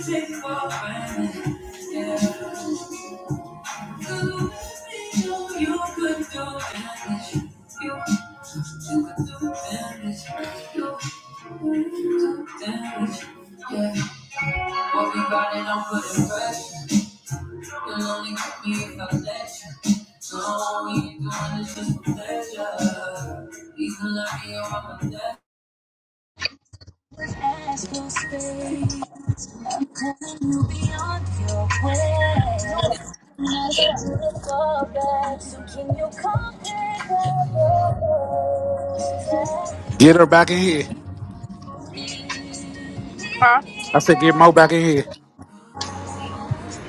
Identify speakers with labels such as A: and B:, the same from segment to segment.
A: Take off, man. Yeah.
B: Ask for space. I'm telling you beyond your way. Nothing to look for back. So can you compare the
A: Get her back in here.
B: Huh?
A: I said, get Mo back in here.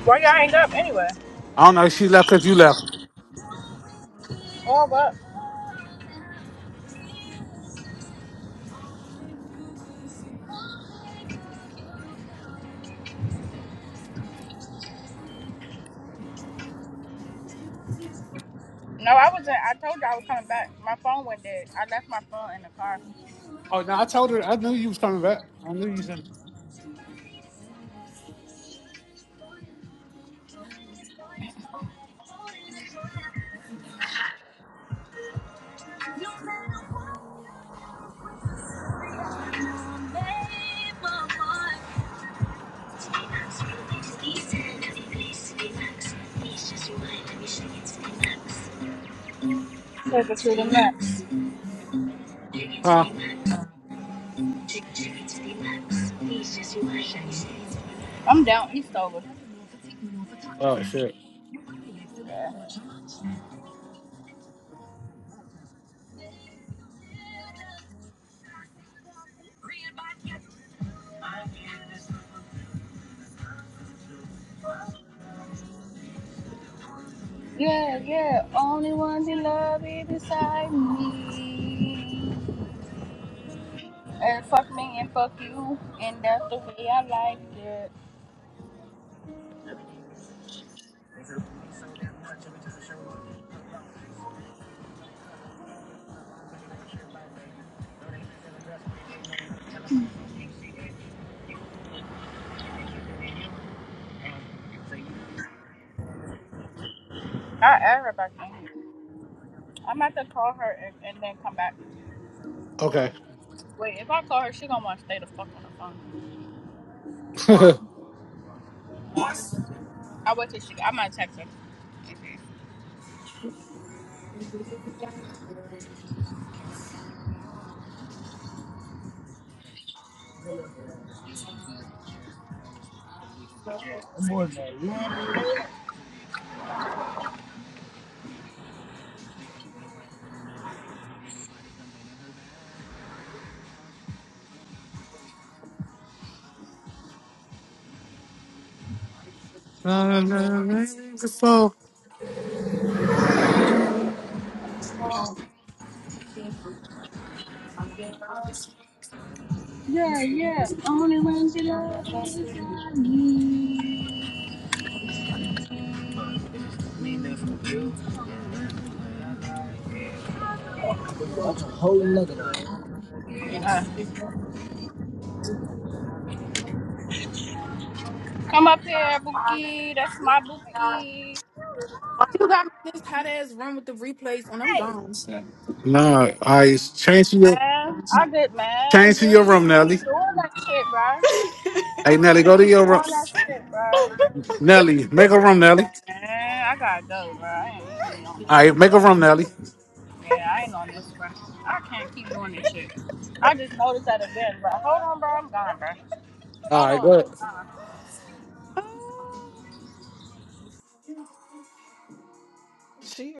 B: Why y'all hang up anyway?
A: I don't know. She left because you left.
B: Or what? No, I wasn't. I told you I was coming back. My phone went dead. I left my phone in the car.
A: Oh, no, I told her. I knew you was coming back. I knew you was in.
B: Take it to the max.
A: Huh?
B: I'm down east over.
A: Oh, shit.
B: Yeah, yeah, yeah. Only one that love is beside me. And fuck me and fuck you. And that's the way I like it. I air back in here. I'm about to call her and, and then come back.
A: Okay.
B: Wait, if I call her, she gonna want to stay the fuck on the phone.
A: no,
B: No, I just wait till I wait till she. I might text her.
A: I
B: Yeah, yeah. Uh, come up here, Bookie. That's my Bookie.
C: You got me in this hot ass run with the replays, and I'm gone.
A: change to your
B: Man, I did, man.
A: change to your
B: Jersey,
A: room,
B: you
A: Nelly.
B: keep doing that shit, bro.
A: Hey, Nelly,
B: You
A: go to
B: keep
A: your room.
B: doing that shit, bro.
A: Nelly, make a room,
B: Man,
A: Nelly.
B: I gotta go, bro. I ain't, ain't even on this
A: All
B: shit.
A: right, make a room, Nelly.
B: Yeah, I ain't on this, bro. I can't keep doing this shit. I just noticed that again, bro. Hold on, bro. I'm gone, bro.
A: All
B: Hold
A: right, go ahead.
B: on.
C: She